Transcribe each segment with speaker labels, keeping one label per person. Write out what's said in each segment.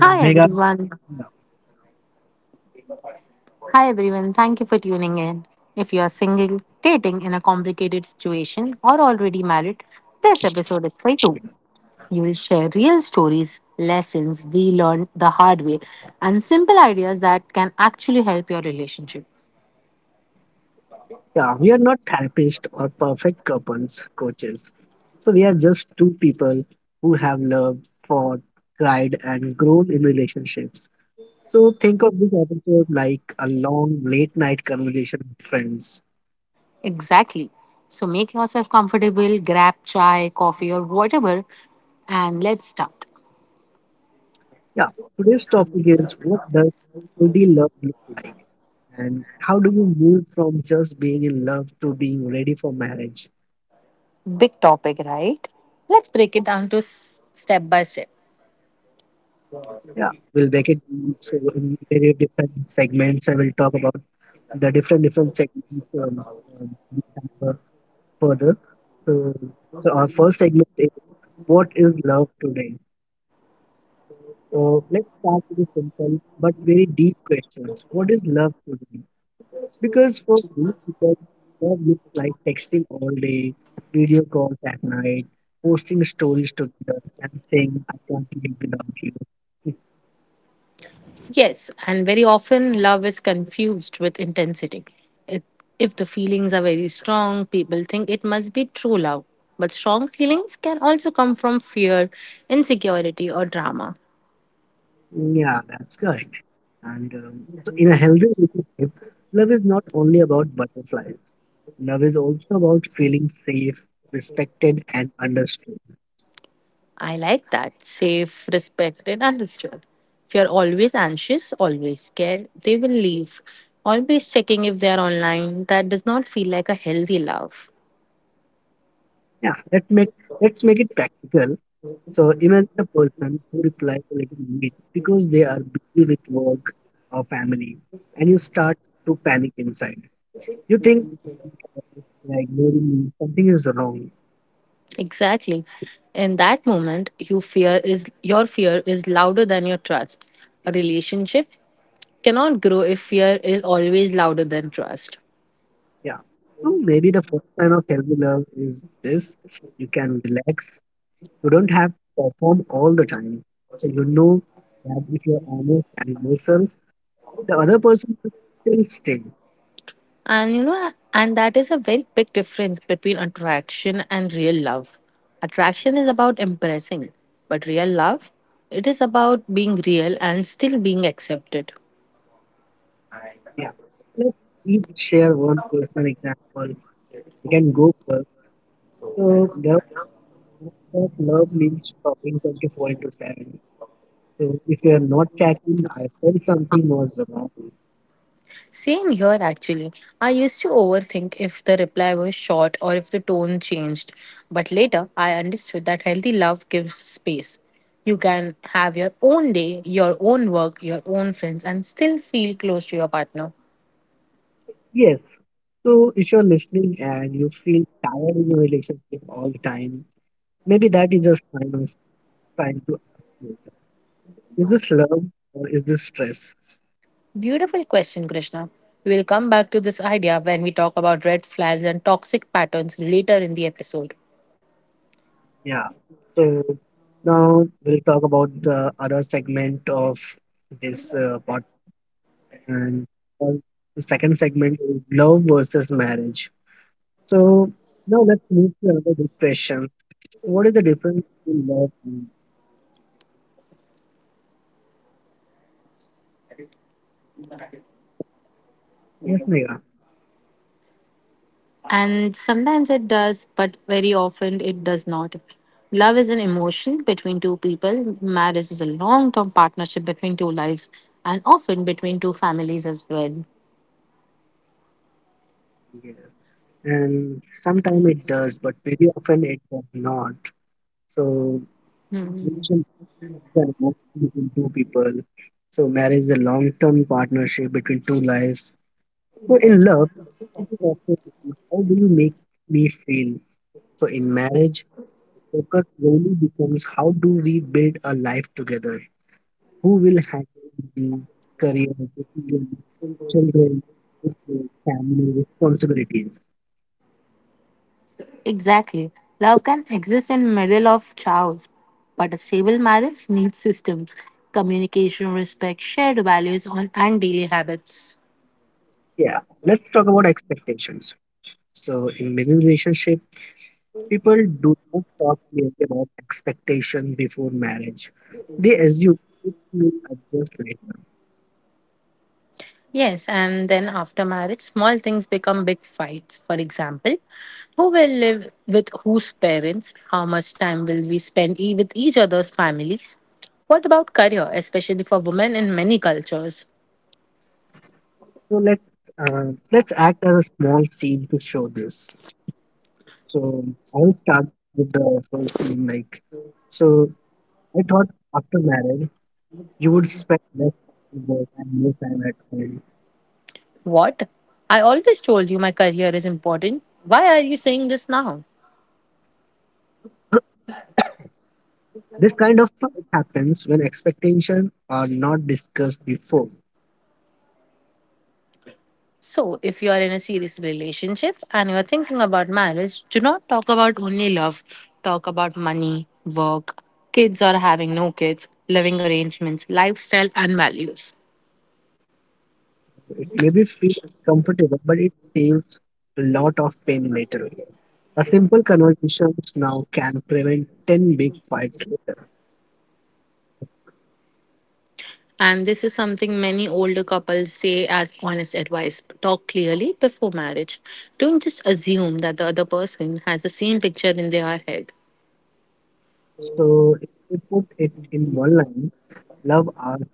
Speaker 1: Hi
Speaker 2: So Megha,
Speaker 1: everyone. Hi everyone. Thank you for tuning in. If you are single, dating in a complicated situation, or already married, this episode is for you. You will share real stories, lessons we learned the hard way, and simple ideas that can actually help your relationship.
Speaker 2: yeah, we are not therapists or perfect couples coaches. So we are just two people who have loved, fought, cried, and grown in relationships. So think of this episode like a long late night conversation with friends.
Speaker 1: Exactly. So make yourself comfortable, grab chai, coffee, or whatever, and let's start.
Speaker 2: Yeah, today's topic is, what does healthy love look like? And how do you move from just being in love to being ready for marriage?
Speaker 1: Big topic, right? Let's break it down to step by step.
Speaker 2: Yeah, we'll break it down. So in very different segments I will talk about the different different segments um, further. So, so our first segment is, what is love today? So let's start with a simple but very deep questions. What is love to you? Because for many people, love looks like texting all day, video calls at night, posting stories together, and saying, I can't live without you.
Speaker 1: Yes, and very often love is confused with intensity. If, if the feelings are very strong, people think it must be true love. But strong feelings can also come from fear, insecurity, or drama.
Speaker 2: Yeah, that's correct. And so, in a healthy relationship, love is not only about butterflies. Love is also about feeling safe, respected, and understood.
Speaker 1: I like that. Safe, respected, understood. If you're always anxious, always scared, they will leave. Always checking if they are online, that does not feel like a healthy love.
Speaker 2: Yeah, let's make it practical. So imagine a person who replies a little late because they are busy with work or family, and you start to panic inside. You think they're ignoring me, something is wrong.
Speaker 1: Exactly. In that moment, your fear is louder than your trust. A relationship cannot grow if fear is always louder than trust.
Speaker 2: Yeah. So maybe the first sign of healthy love is this: you can relax. You don't have to perform all the time. So you know that if you're honest and yourself, the other person will still stay.
Speaker 1: And you know, and that is a very big difference between attraction and real love. Attraction is about impressing, but real love, it is about being real and still being accepted.
Speaker 2: Yeah. Let's each share one personal example. You can go first. So there that love means talking 24 into 7. So if you're not checking, I felt something was wrong.
Speaker 1: Same here, actually. I used to overthink if the reply was short or if the tone changed. But later, I understood that healthy love gives space. You can have your own day, your own work, your own friends, and still feel close to your partner.
Speaker 2: Yes. So if you're listening and you feel tired in your relationship all the time, maybe that is a sign of trying to ask yourself, is this love or is this stress?
Speaker 1: Beautiful question, Krishna. We will come back to this idea when we talk about red flags and toxic patterns later in the episode.
Speaker 2: Yeah. So now we'll talk about the other segment of this podcast. And uh, the second segment is love versus marriage. So now let's move to another big question. What is the difference between love and, yes, Megha?
Speaker 1: And sometimes it does, but very often it does not. Love is an emotion between two people. Marriage is a long term partnership between two lives and often between two families as well.
Speaker 2: Yes. And sometimes it does, but very often it does not. So relationship is an emotion between two people. So marriage is a long-term partnership between two lives. So in love, it is also, how do you make me feel? So in marriage, the focus really becomes, how do we build a life together? Who will handle the career, children, business, family responsibilities.
Speaker 1: Exactly. Love can exist in middle of chaos, but a stable marriage needs systems, communication, respect, shared values on and daily habits.
Speaker 2: Yeah, let's talk about expectations. So, in many relationships, people do not talk clearly about expectations before marriage. They assume it will adjust later.
Speaker 1: Yes, and then after marriage, small things become big fights. For example, who will live with whose parents? How much time will we spend with each other's families? What about career, especially for women in many cultures?
Speaker 2: So let's act as a small scene to show this. So I'll start with the first scene. Like, so I thought after marriage you would spend less time at work and more time at home.
Speaker 1: What? I always told you my career is important. Why are you saying this now?
Speaker 2: This kind of fight happens when expectations are not discussed before.
Speaker 1: So, if you are in a serious relationship and you are thinking about marriage, do not talk about only love. Talk about money, work, kids or having no kids, living arrangements, lifestyle, and values.
Speaker 2: It may be feel comfortable, but it saves a lot of pain later. A simple conversations now can prevent 10 big fights later.
Speaker 1: And this is something many older couples say as honest advice. Talk clearly before marriage. Don't just assume that the other person has the same picture in their head.
Speaker 2: So if we put it in one line, love asks,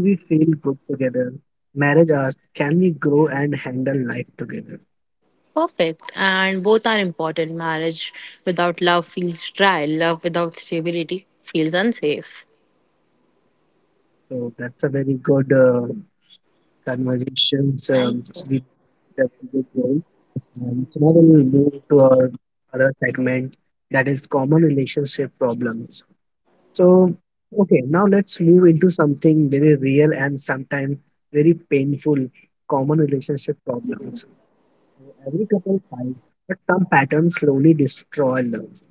Speaker 2: do we feel good together? Marriage asks, can we grow and handle life together?
Speaker 1: Perfect, and both are important. Marriage without love feels dry, love without stability feels unsafe.
Speaker 2: So that's a very good conversation.
Speaker 1: Thank you.
Speaker 2: We That's a good one. So now we'll move to our other segment, that is common relationship problems. So okay, now let's move into something very real and sometimes very painful, common relationship problems. So every couple fights, but some patterns slowly destroy love.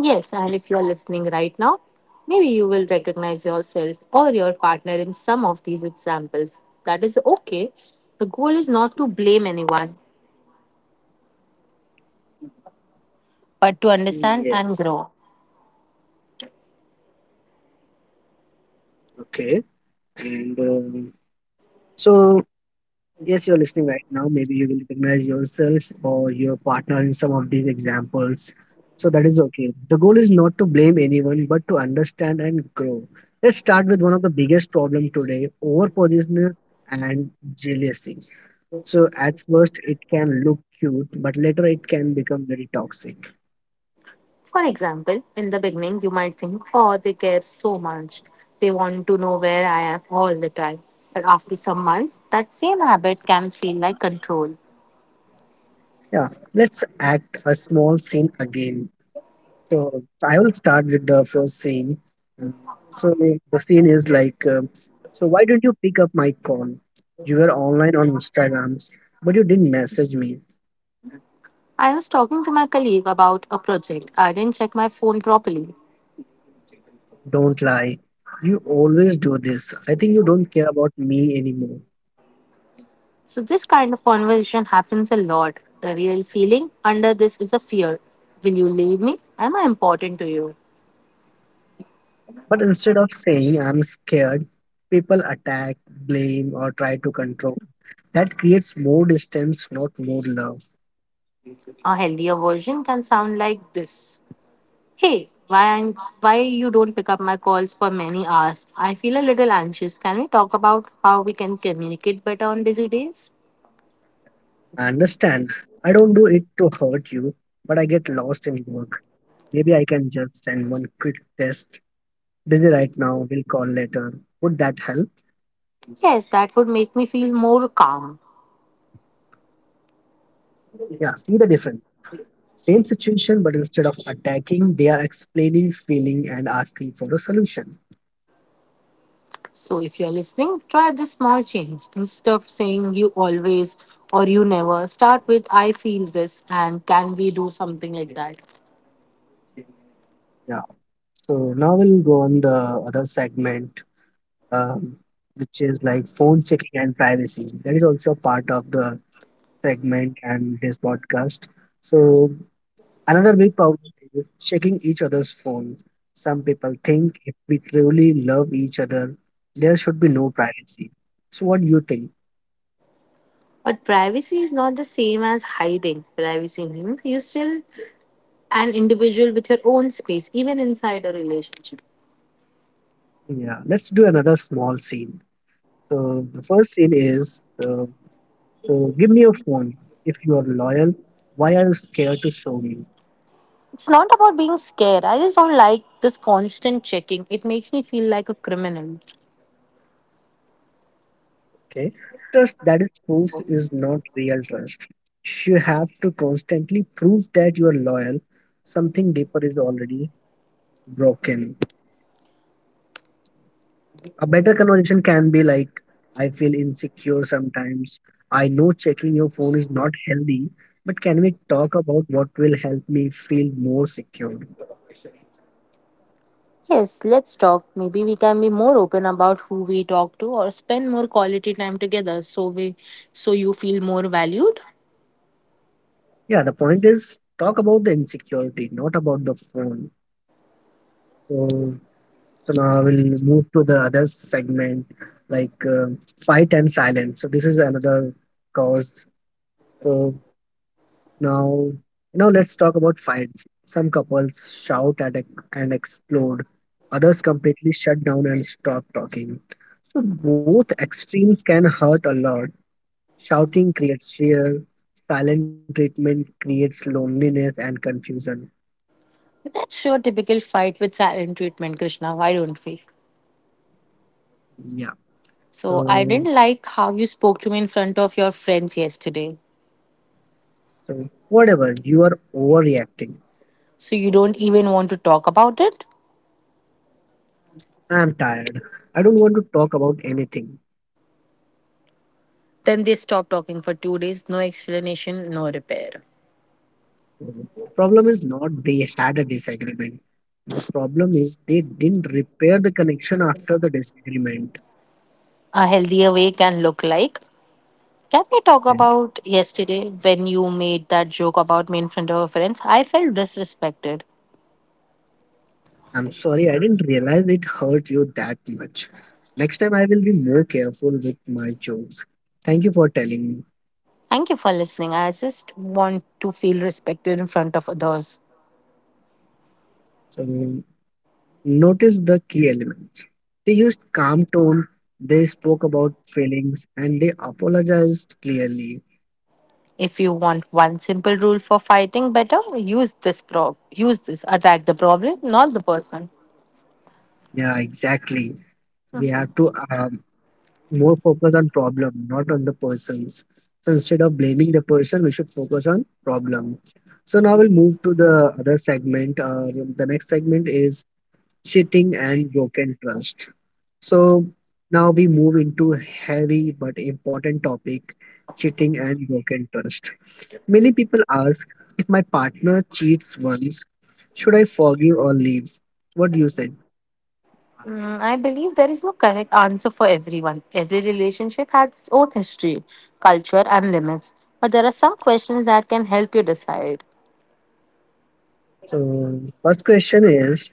Speaker 1: Yes, and if you are listening right now, maybe you will recognize yourself or your partner in some of these examples. That is okay. The goal is not to blame anyone, but to understand
Speaker 2: Yes.
Speaker 1: and grow.
Speaker 2: Okay. And so Yes, you're listening right now. Maybe you will recognize yourself or your partner in some of these examples. So that is okay. The goal is not to blame anyone, but to understand and grow. Let's start with one of the biggest problem today, overposition and jealousy. So at first it can look cute, but later it can become very toxic.
Speaker 1: For example, in the beginning, you might think, oh, they care so much. They want to know where I am all the time. But after some months, that same habit can feel like control.
Speaker 2: Yeah, let's act a small scene again. So I will start with the first scene. Mm, So the scene is like, so why didn't you pick up my call? You were online on Instagram, but you didn't message me.
Speaker 1: I was talking to my colleague about a project. I didn't check my phone properly.
Speaker 2: Don't lie. You always do this. I think you don't care about me anymore.
Speaker 1: So this kind of conversation happens a lot. The real feeling under this is a fear. Will you leave me? Am I important to you?
Speaker 2: But instead of saying I'm scared, people attack, blame, or try to control. That creates more distance, not more love.
Speaker 1: A healthier version can sound like this. Hey, why you don't pick up my calls for many hours? I feel a little anxious. Can we talk about how we can communicate better on busy days?
Speaker 2: I understand. I don't do it to hurt you, but I get lost in work. Maybe I can just send one quick test. Busy right now, we'll call later. Would that help?
Speaker 1: Yes, that would make me feel more calm.
Speaker 2: Yeah, see the difference. Same situation, but instead of attacking, they are explaining, feeling, and asking for a solution.
Speaker 1: So if you're listening, try this small change. Instead of saying you always or you never, start with I feel this and can we do something like that.
Speaker 2: Yeah. So now we'll go on the other segment, um, which is like phone checking and privacy. That is also part of the segment and this podcast. So another big problem is checking each other's phones. Some people think if we truly love each other, there should be no privacy. So, what do you think?
Speaker 1: But privacy is not the same as hiding. Privacy means you're still an individual with your own space, even inside a relationship.
Speaker 2: Yeah, let's do another small scene. So, the first scene is, so give me your phone. If you are loyal, why are you scared to show me?
Speaker 1: It's not about being scared. I just don't like this constant checking. It makes me feel like a criminal.
Speaker 2: Okay, trust that is proof is not real trust. You have to constantly prove that you are loyal. Something deeper is already broken. A better conversation can be like, I feel insecure sometimes. I know checking your phone is not healthy, but can we talk about what will help me feel more secure?
Speaker 1: Yes, let's talk. Maybe we can be more open about who we talk to or spend more quality time together so you feel more valued.
Speaker 2: Yeah, the point is, talk about the insecurity, not about the phone. So now I will move to the other segment, like fight and silence. So, this is another cause. So, Now, now let's talk about fights. Some couples shout and explode. Others completely shut down and stop talking. So both extremes can hurt a lot. Shouting creates fear. Silent treatment creates loneliness and confusion.
Speaker 1: That's your typical fight with silent treatment, Krishna. Why don't we?
Speaker 2: Yeah.
Speaker 1: So I
Speaker 2: So,
Speaker 1: didn't like how you spoke to me in front of your friends yesterday.
Speaker 2: so whatever, you are overreacting.
Speaker 1: So you don't even want to talk about it?
Speaker 2: I am tired. I don't want to talk about anything.
Speaker 1: Then they stop talking for 2 days, no explanation, no repair.
Speaker 2: So the problem is not they had a disagreement. The problem is they didn't repair the connection after the disagreement.
Speaker 1: A healthier way can look like, can we talk
Speaker 2: Yes.
Speaker 1: about yesterday when you made that joke about me in front of a friends? I felt disrespected.
Speaker 2: I'm sorry, I didn't realize it hurt you that much. Next time I will be more careful with my jokes. Thank you for telling me.
Speaker 1: Thank you for listening. I just want to feel respected in front of others.
Speaker 2: So notice the key elements. They used calm tone, they spoke about feelings and they apologized clearly.
Speaker 1: If you want one simple rule for fighting better, use this. Attack the problem, not the person.
Speaker 2: Yeah, exactly. We have to more focus on problem, not on the persons. So instead of blaming the person, we should focus on problem. So now we'll move to the other segment. The next segment is cheating and broken trust. So now we move into heavy but important topic, cheating and broken trust. Many people ask, if my partner cheats once, should I forgive or leave? What do you say?
Speaker 1: Mm, I believe there is no correct answer for everyone. Every relationship has its own history, culture, and limits. But there are some questions that can help you decide.
Speaker 2: So first question is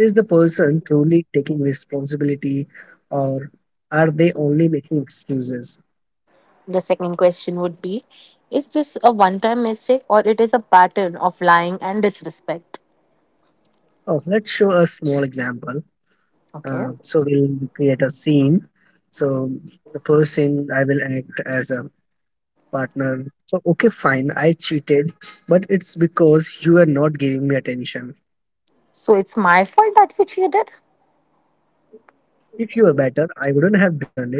Speaker 2: Is the person truly taking responsibility or are they only making excuses?
Speaker 1: The second question would be, is this a one time mistake or it is a pattern of lying and disrespect?
Speaker 2: Oh, let's show a small example.
Speaker 1: Okay.
Speaker 2: So we'll create a scene. So the person I will act as a partner. So, okay, fine, I cheated, but it's because you are not giving me attention.
Speaker 1: So it's my fault that you cheated.
Speaker 2: If you were better, I wouldn't have done it.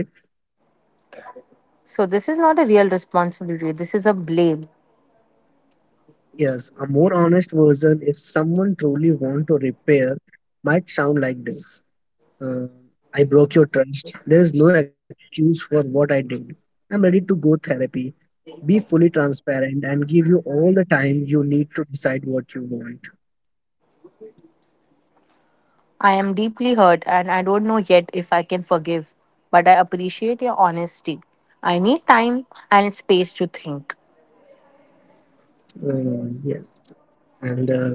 Speaker 1: So this is not a real responsibility. This is a blame.
Speaker 2: Yes, a more honest version, if someone truly want to repair, might sound like this. Uh, I broke your trust. There is no excuse for what I did. I'm ready to go therapy, be fully transparent, and give you all the time you need to decide what you want.
Speaker 1: I am deeply hurt and I don't know yet if I can forgive, but I appreciate your honesty. I need time and space to think.
Speaker 2: Yes. And uh,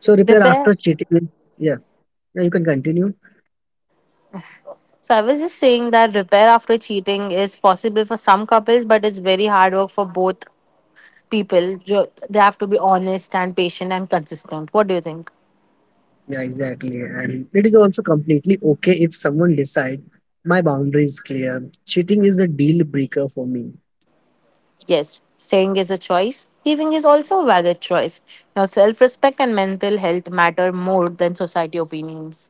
Speaker 2: Repair
Speaker 1: Repair.
Speaker 2: after cheating. Is- Yes. Yeah, you can continue.
Speaker 1: So I was just saying that repair after cheating is possible for some couples, but it's very hard work for both people they have to be honest and patient and consistent. What do you think?
Speaker 2: Yeah, exactly. And it is also completely okay if someone decides, my boundary is clear. Cheating is a deal breaker for me.
Speaker 1: Yes, saying is a choice, leaving is also a valid choice. Now self-respect and mental health matter more than society opinions.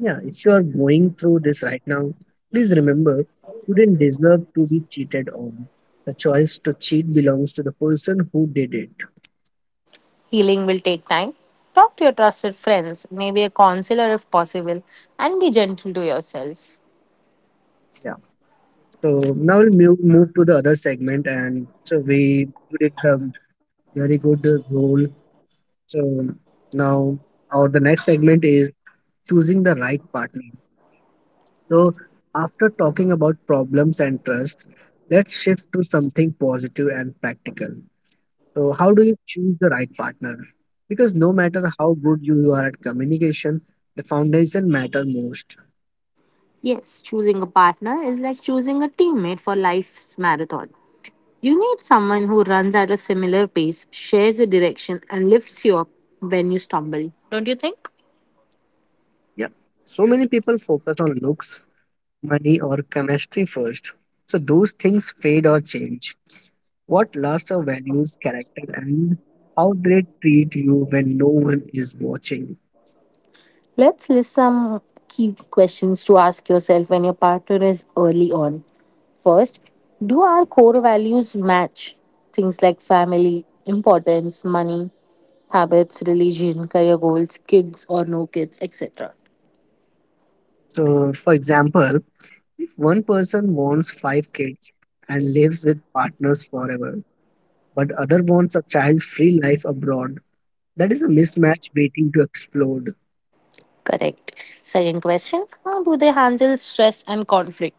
Speaker 2: Yeah, if you are going through this right now, please remember you didn't deserve to be cheated on. The choice to cheat belongs to the person who did it.
Speaker 1: Healing will take time. Talk to your trusted friends, maybe a counselor if possible, and be gentle to yourself.
Speaker 2: Yeah. So now we'll move to the other segment, and so we did the very good role. So now our the next segment is choosing the right partner. So after talking about problems and trust, let's shift to something positive and practical. So, how do you choose the right partner? Because no matter how good you are at communication, the foundation matter most.
Speaker 1: Yes, choosing a partner is like choosing a teammate for life's marathon. You need someone who runs at a similar pace, shares a direction, and lifts you up when you stumble, don't you think?
Speaker 2: Yeah. So many people focus on looks, money, or chemistry first. So those things fade or change. What lasts are values, character, and how they treat you when no one is watching.
Speaker 1: Let's list some key questions to ask yourself when your partner is early on. First, do our core values match? Things like family, importance, money, habits, religion, career goals, kids or no kids, etc.
Speaker 2: So, for example, if one person wants 5 kids and lives with partners forever, but other wants a child-free life abroad, that is a mismatch waiting to explode.
Speaker 1: Correct. Second question, how do they handle stress and conflict?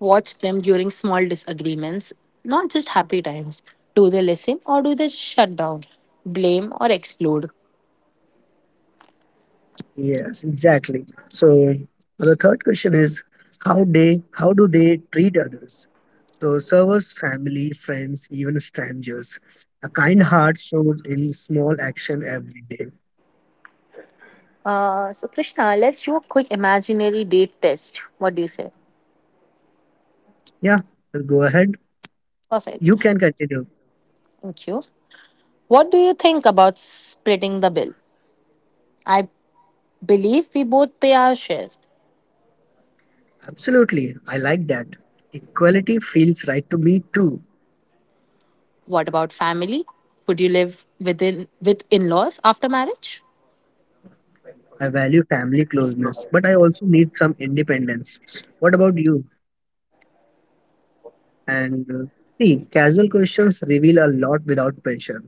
Speaker 1: Watch them during small disagreements, not just happy times. Do they listen or do they shut down, blame, or explode?
Speaker 2: Yes, exactly. So the third question is, how do they treat others? So servers, family, friends, even strangers. A kind heart shows in small action every day.
Speaker 1: So, Krishna, let's do a quick imaginary date test. What do you say?
Speaker 2: Yeah, so go ahead. You
Speaker 1: Perfect.
Speaker 2: can continue.
Speaker 1: Thank you. What do you think about splitting the bill? I believe we both pay our share.
Speaker 2: Absolutely. I like that. Equality feels right to me too.
Speaker 1: What about family? Would you live within with in-laws after marriage?
Speaker 2: I value family closeness, but I also need some independence. What about you? And see, casual questions reveal a lot without pressure.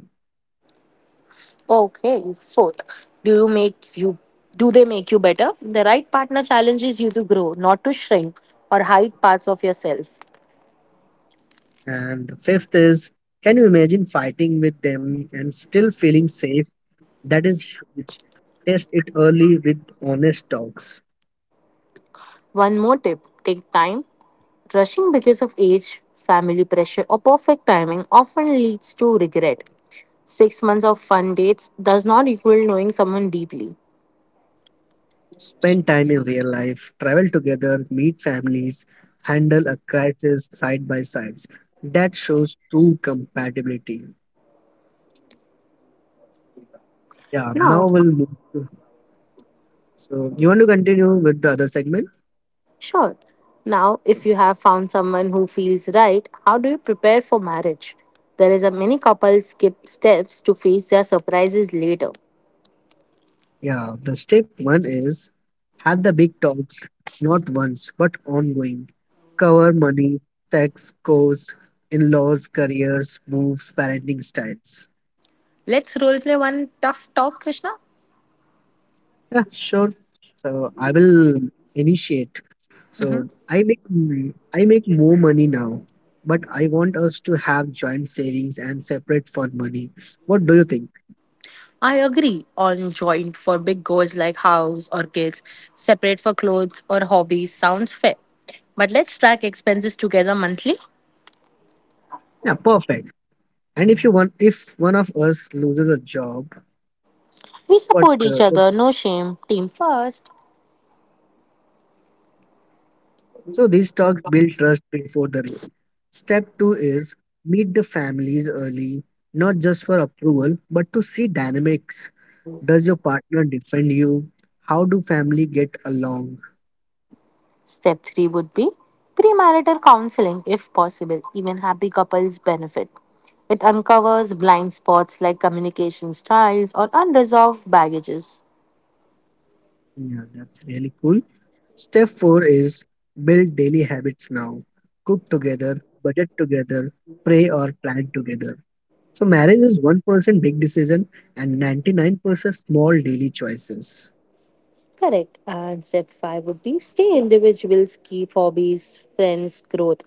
Speaker 1: Okay, fourth, do you make you do they make you better? The right partner challenges you to grow, not to shrink or hide parts of yourself.
Speaker 2: And the fifth is, can you imagine fighting with them and still feeling safe? That is huge. Test it early with honest talks.
Speaker 1: One more tip, take time. Rushing because of age, family pressure or perfect timing often leads to regret. 6 months of fun dates does not equal knowing someone deeply.
Speaker 2: Spend time in real life, travel together, meet families, handle a crisis side by side. That shows true compatibility. Yeah,
Speaker 1: Now,
Speaker 2: now we'll move to. So, you want to continue with the other segment?
Speaker 1: sure. Now, if you have found someone who feels right, how do you prepare for marriage? There is a many couples skip steps to face their surprises later.
Speaker 2: Yeah, the step one is had the big talks, not once but ongoing. Cover money, sex, course, in laws, careers, moves, parenting styles.
Speaker 1: Let's roleplay one tough talk, Krishna.
Speaker 2: Yeah, sure. So I will initiate.
Speaker 1: Mhm.
Speaker 2: So I make I make more money now, but I want us to have joint savings and separate fund money. What do you think?
Speaker 1: I agree on joint for big goals like house or kids, separate for clothes or hobbies sounds fair. But let's track expenses together monthly.
Speaker 2: Yeah, perfect. And if you want, if one of us loses a job,
Speaker 1: We support each
Speaker 2: what
Speaker 1: other, no shame. Team first.
Speaker 2: So these talks build trust before the rule. Step two is meet the families early, not just for approval, but to see dynamics. Does your partner defend you? How do family get along?
Speaker 1: Step three would be premarital counseling, if possible. Even happy couples benefit. It uncovers blind spots like communication styles or unresolved baggages.
Speaker 2: Yeah, that's really cool. Step four is build daily habits now. Cook together, budget together, pray or plan together. So marriage is 1% big decision and 99% small daily choices.
Speaker 1: Correct. And step five would be stay individuals, keep hobbies, friends, growth.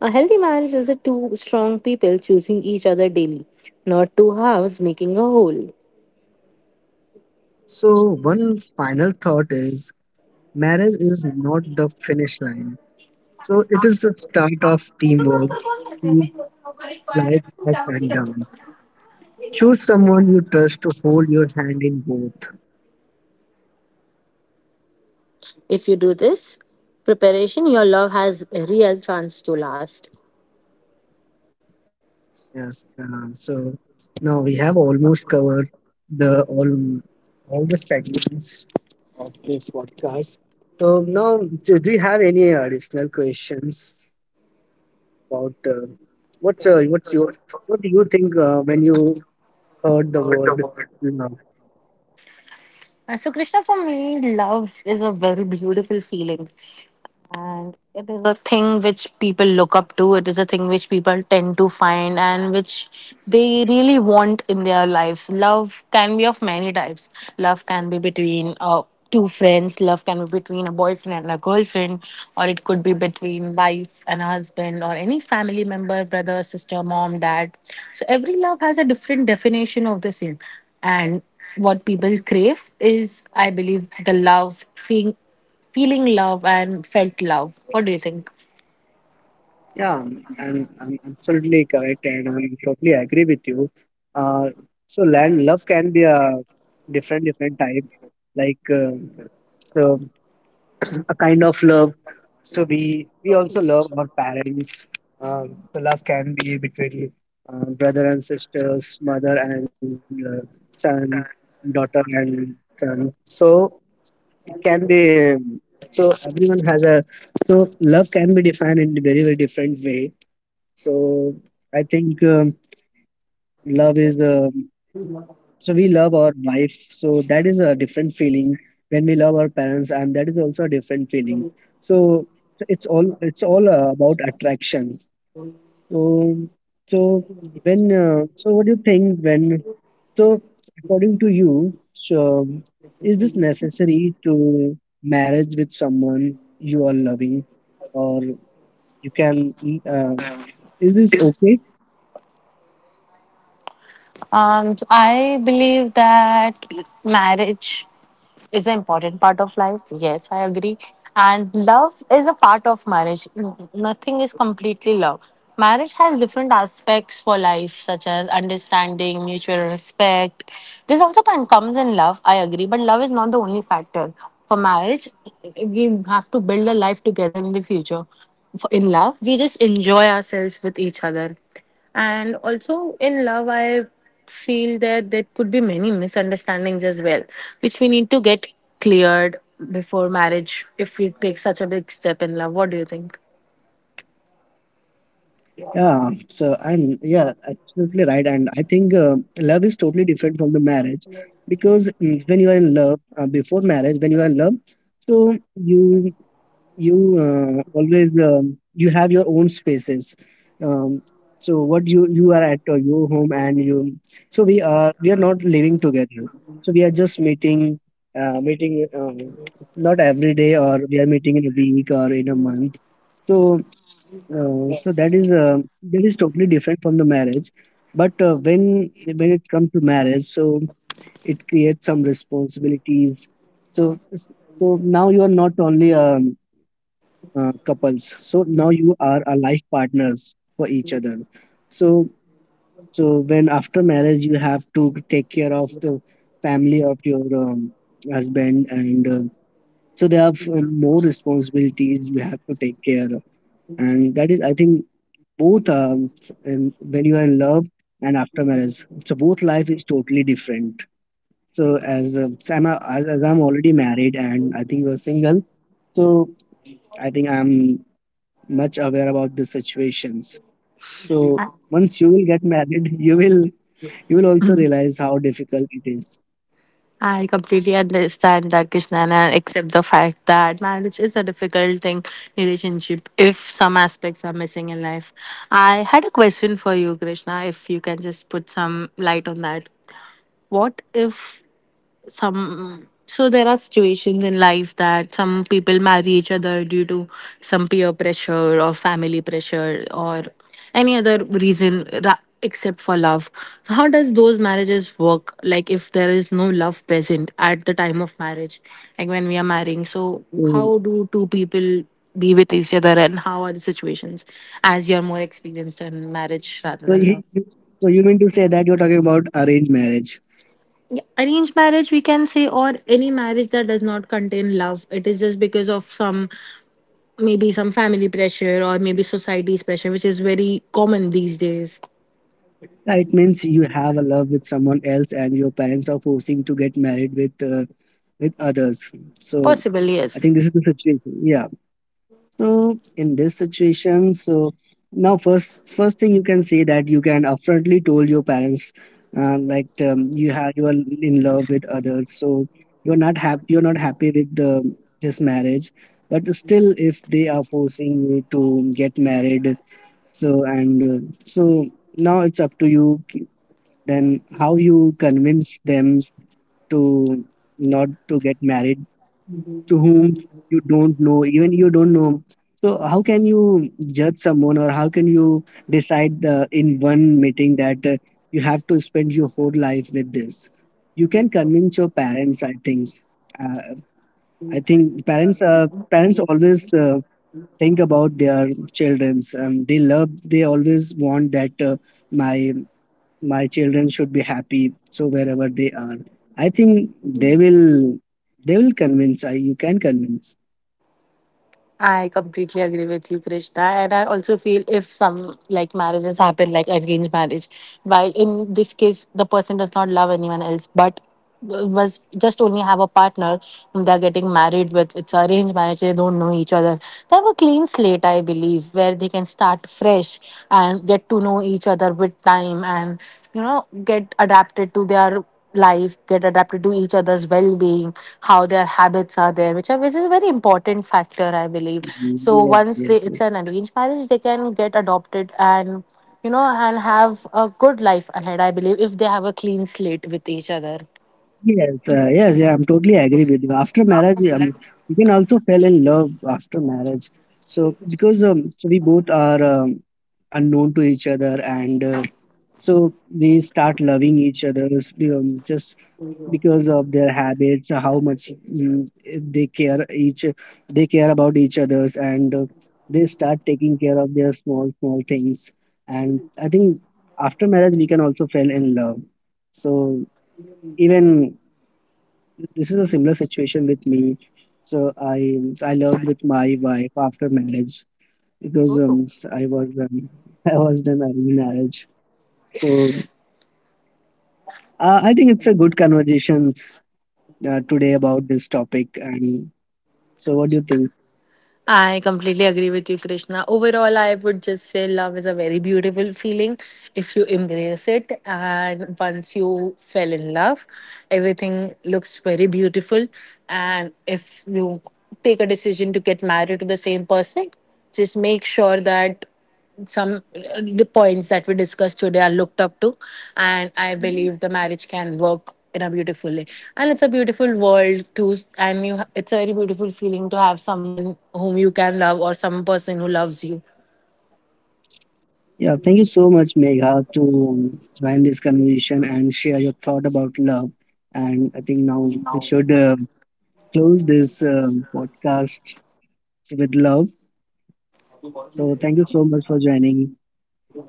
Speaker 1: A healthy marriage is a two strong people choosing each other daily, not two halves making a whole.
Speaker 2: So one final thought is, marriage is not the finish line. So it is the start of teamwork, to life up and down. Choose someone you trust to hold your hand in both.
Speaker 1: If you do this preparation, your love has a real chance to last.
Speaker 2: Yes. So now we have almost covered the all the segments of this podcast. So now, do you have any additional questions about what's your, what do you think when you heard the word love?
Speaker 1: So, Krishna, for me, love is a very beautiful feeling. And it is a thing which people look up to. It is a thing which people tend to find and which they really want in their lives. Love can be of many types. Love can be between two friends, love can be between a boyfriend and a girlfriend, or it could be between wife and a husband, or any family member, brother, sister, mom, dad. So, every love has a different definition of the same, and what people crave is, I believe, the love feeling, feeling love and felt love. What do you think?
Speaker 2: Yeah, I'm absolutely correct and I'm totally agree with you. Uh, so land love can be a different type, like so a kind of love. So we also love our parents. The love can be between brother and sisters, mother and son, daughter and son. So it can be so everyone has a, so love can be defined in very very different way. So I think love is so we love our wife, so that is a different feeling when we love our parents, and that is also a different feeling. So it's all about attraction. So, so when so what do you think when, so, according to you, so is this necessary to marriage with someone you are loving, or you can? Uh, is this okay?
Speaker 1: So I believe that marriage is an important part of life. Yes, I agree. And love is a part of marriage. Nothing is completely love. Marriage has different aspects for life, such as understanding, mutual respect. This comes in love, I agree, but love is not the only factor. For marriage, we have to build a life together in the future. In love, we just enjoy ourselves with each other. And also in love, I feel that there could be many misunderstandings as well, which we need to get cleared before marriage if we take such a big step in love. What do you think?
Speaker 2: Yeah. So, and yeah, absolutely right. And I think love is totally different from the marriage because when you are in love before marriage, when you are in love, so you always you have your own spaces. um, so what you are at your home, and you, so we are not living together. So we are just meeting, meeting, not every day, or we are meeting in a week or in a month. So so that is totally different from the marriage. But when it comes to marriage, so it creates some responsibilities. So so now you are not only couples. So now you are a life partners for each other. So, so when after marriage you have to take care of the family of your husband and so there are more responsibilities you have to take care. And that is I think both when you are in love and after marriage, so both life is totally different. So as so I'm a, as I'm already married, and I think you're single, so I think I'm much aware about the situations. So once you will get married, you will, you will also realize how difficult it is.
Speaker 1: I completely understand that, Krishna, and I accept the fact that marriage is a difficult thing, relationship, if some aspects are missing in life. I had a question for you, Krishna, if you can just put some light on that. What if some so there are situations in life that some people marry each other due to some peer pressure or family pressure or any other reason except for love. So how does those marriages work? Like, if there is no love present at the time of marriage, like when we are marrying, so
Speaker 2: So,
Speaker 1: how do two people be with each other and how are the situations, as you're more experienced in marriage rather
Speaker 2: so
Speaker 1: than
Speaker 2: you
Speaker 1: love.
Speaker 2: you- you mean to say that you're talking about arranged marriage?
Speaker 1: Yeah, arranged marriage we can say, or any marriage that does not contain love, it is just because of some, maybe some family pressure or maybe society's pressure which is very common these days.
Speaker 2: Yeah, it means you have a love with someone else, and your parents are forcing to get married with others. So
Speaker 1: Possible,
Speaker 2: I
Speaker 1: yes.
Speaker 2: think this is the situation. Yeah. So in this situation, so now first thing you can say that you can upfrontly told your parents, like you have, you are in love with others, so you're not happy with the this marriage. But still, if they are forcing you to get married, so and so now it's up to you. Then how you convince them to not to get married to whom you don't know, even you don't know. So how can you judge someone, or how can you decide in one meeting that you have to spend your whole life with this? You can convince your parents. I think. Uh, I think parents. Parents always think about their childrens. They love. They always want that my my children should be happy. So wherever they are, I think they will, they will convince. I, you can convince.
Speaker 1: I completely agree with you, Krishna. And I also feel if some like marriages happen like arranged marriage, while in this case the person does not love anyone else, but was just only have a partner whom they're getting married with. It's arranged marriage, they don't know each other. They have a clean slate, I believe, where they can start fresh and get to know each other with time and, you know, get adapted to their life, get adapted to each other's well-being, how their habits are there, which are, which is a very important factor, I believe. So
Speaker 2: Yes,
Speaker 1: once
Speaker 2: yes,
Speaker 1: they,
Speaker 2: yes.
Speaker 1: it's an arranged marriage, they can get adopted and, you know, and have a good life ahead, I believe, if they have a clean slate with each other.
Speaker 2: Yes, yes, yeah, I'm totally agree with you. After marriage, you can also fall in love after marriage. So because so we both are unknown to each other, and so we start loving each other just because of their habits, how much they care each, they care about each others, and they start taking care of their small small things. And I think after marriage, we can also fall in love. So. Even this is a similar situation with me, so I loved with my wife after marriage because I was I was done arranged marriage. So I think it's a good conversation today about this topic. And so what do you think?
Speaker 1: I completely agree with you, Krishna. Overall, I would just say love is a very beautiful feeling if you embrace it. And once you fell in love, everything looks very beautiful. And if you take a decision to get married to the same person, just make sure that some the points that we discussed today are looked up to, and I believe the marriage can work in a beautiful way. And it's a beautiful world too, and you, it's a very beautiful feeling to have someone whom you can love or some person who loves you.
Speaker 2: Yeah, thank you so much, Megha, to um, join this conversation and share your thought about love. And I think now we should close this podcast with love. So thank you so much for joining,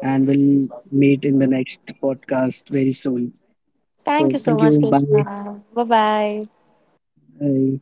Speaker 2: and we'll meet in the next podcast very soon. So, thank you. Bye. Bye.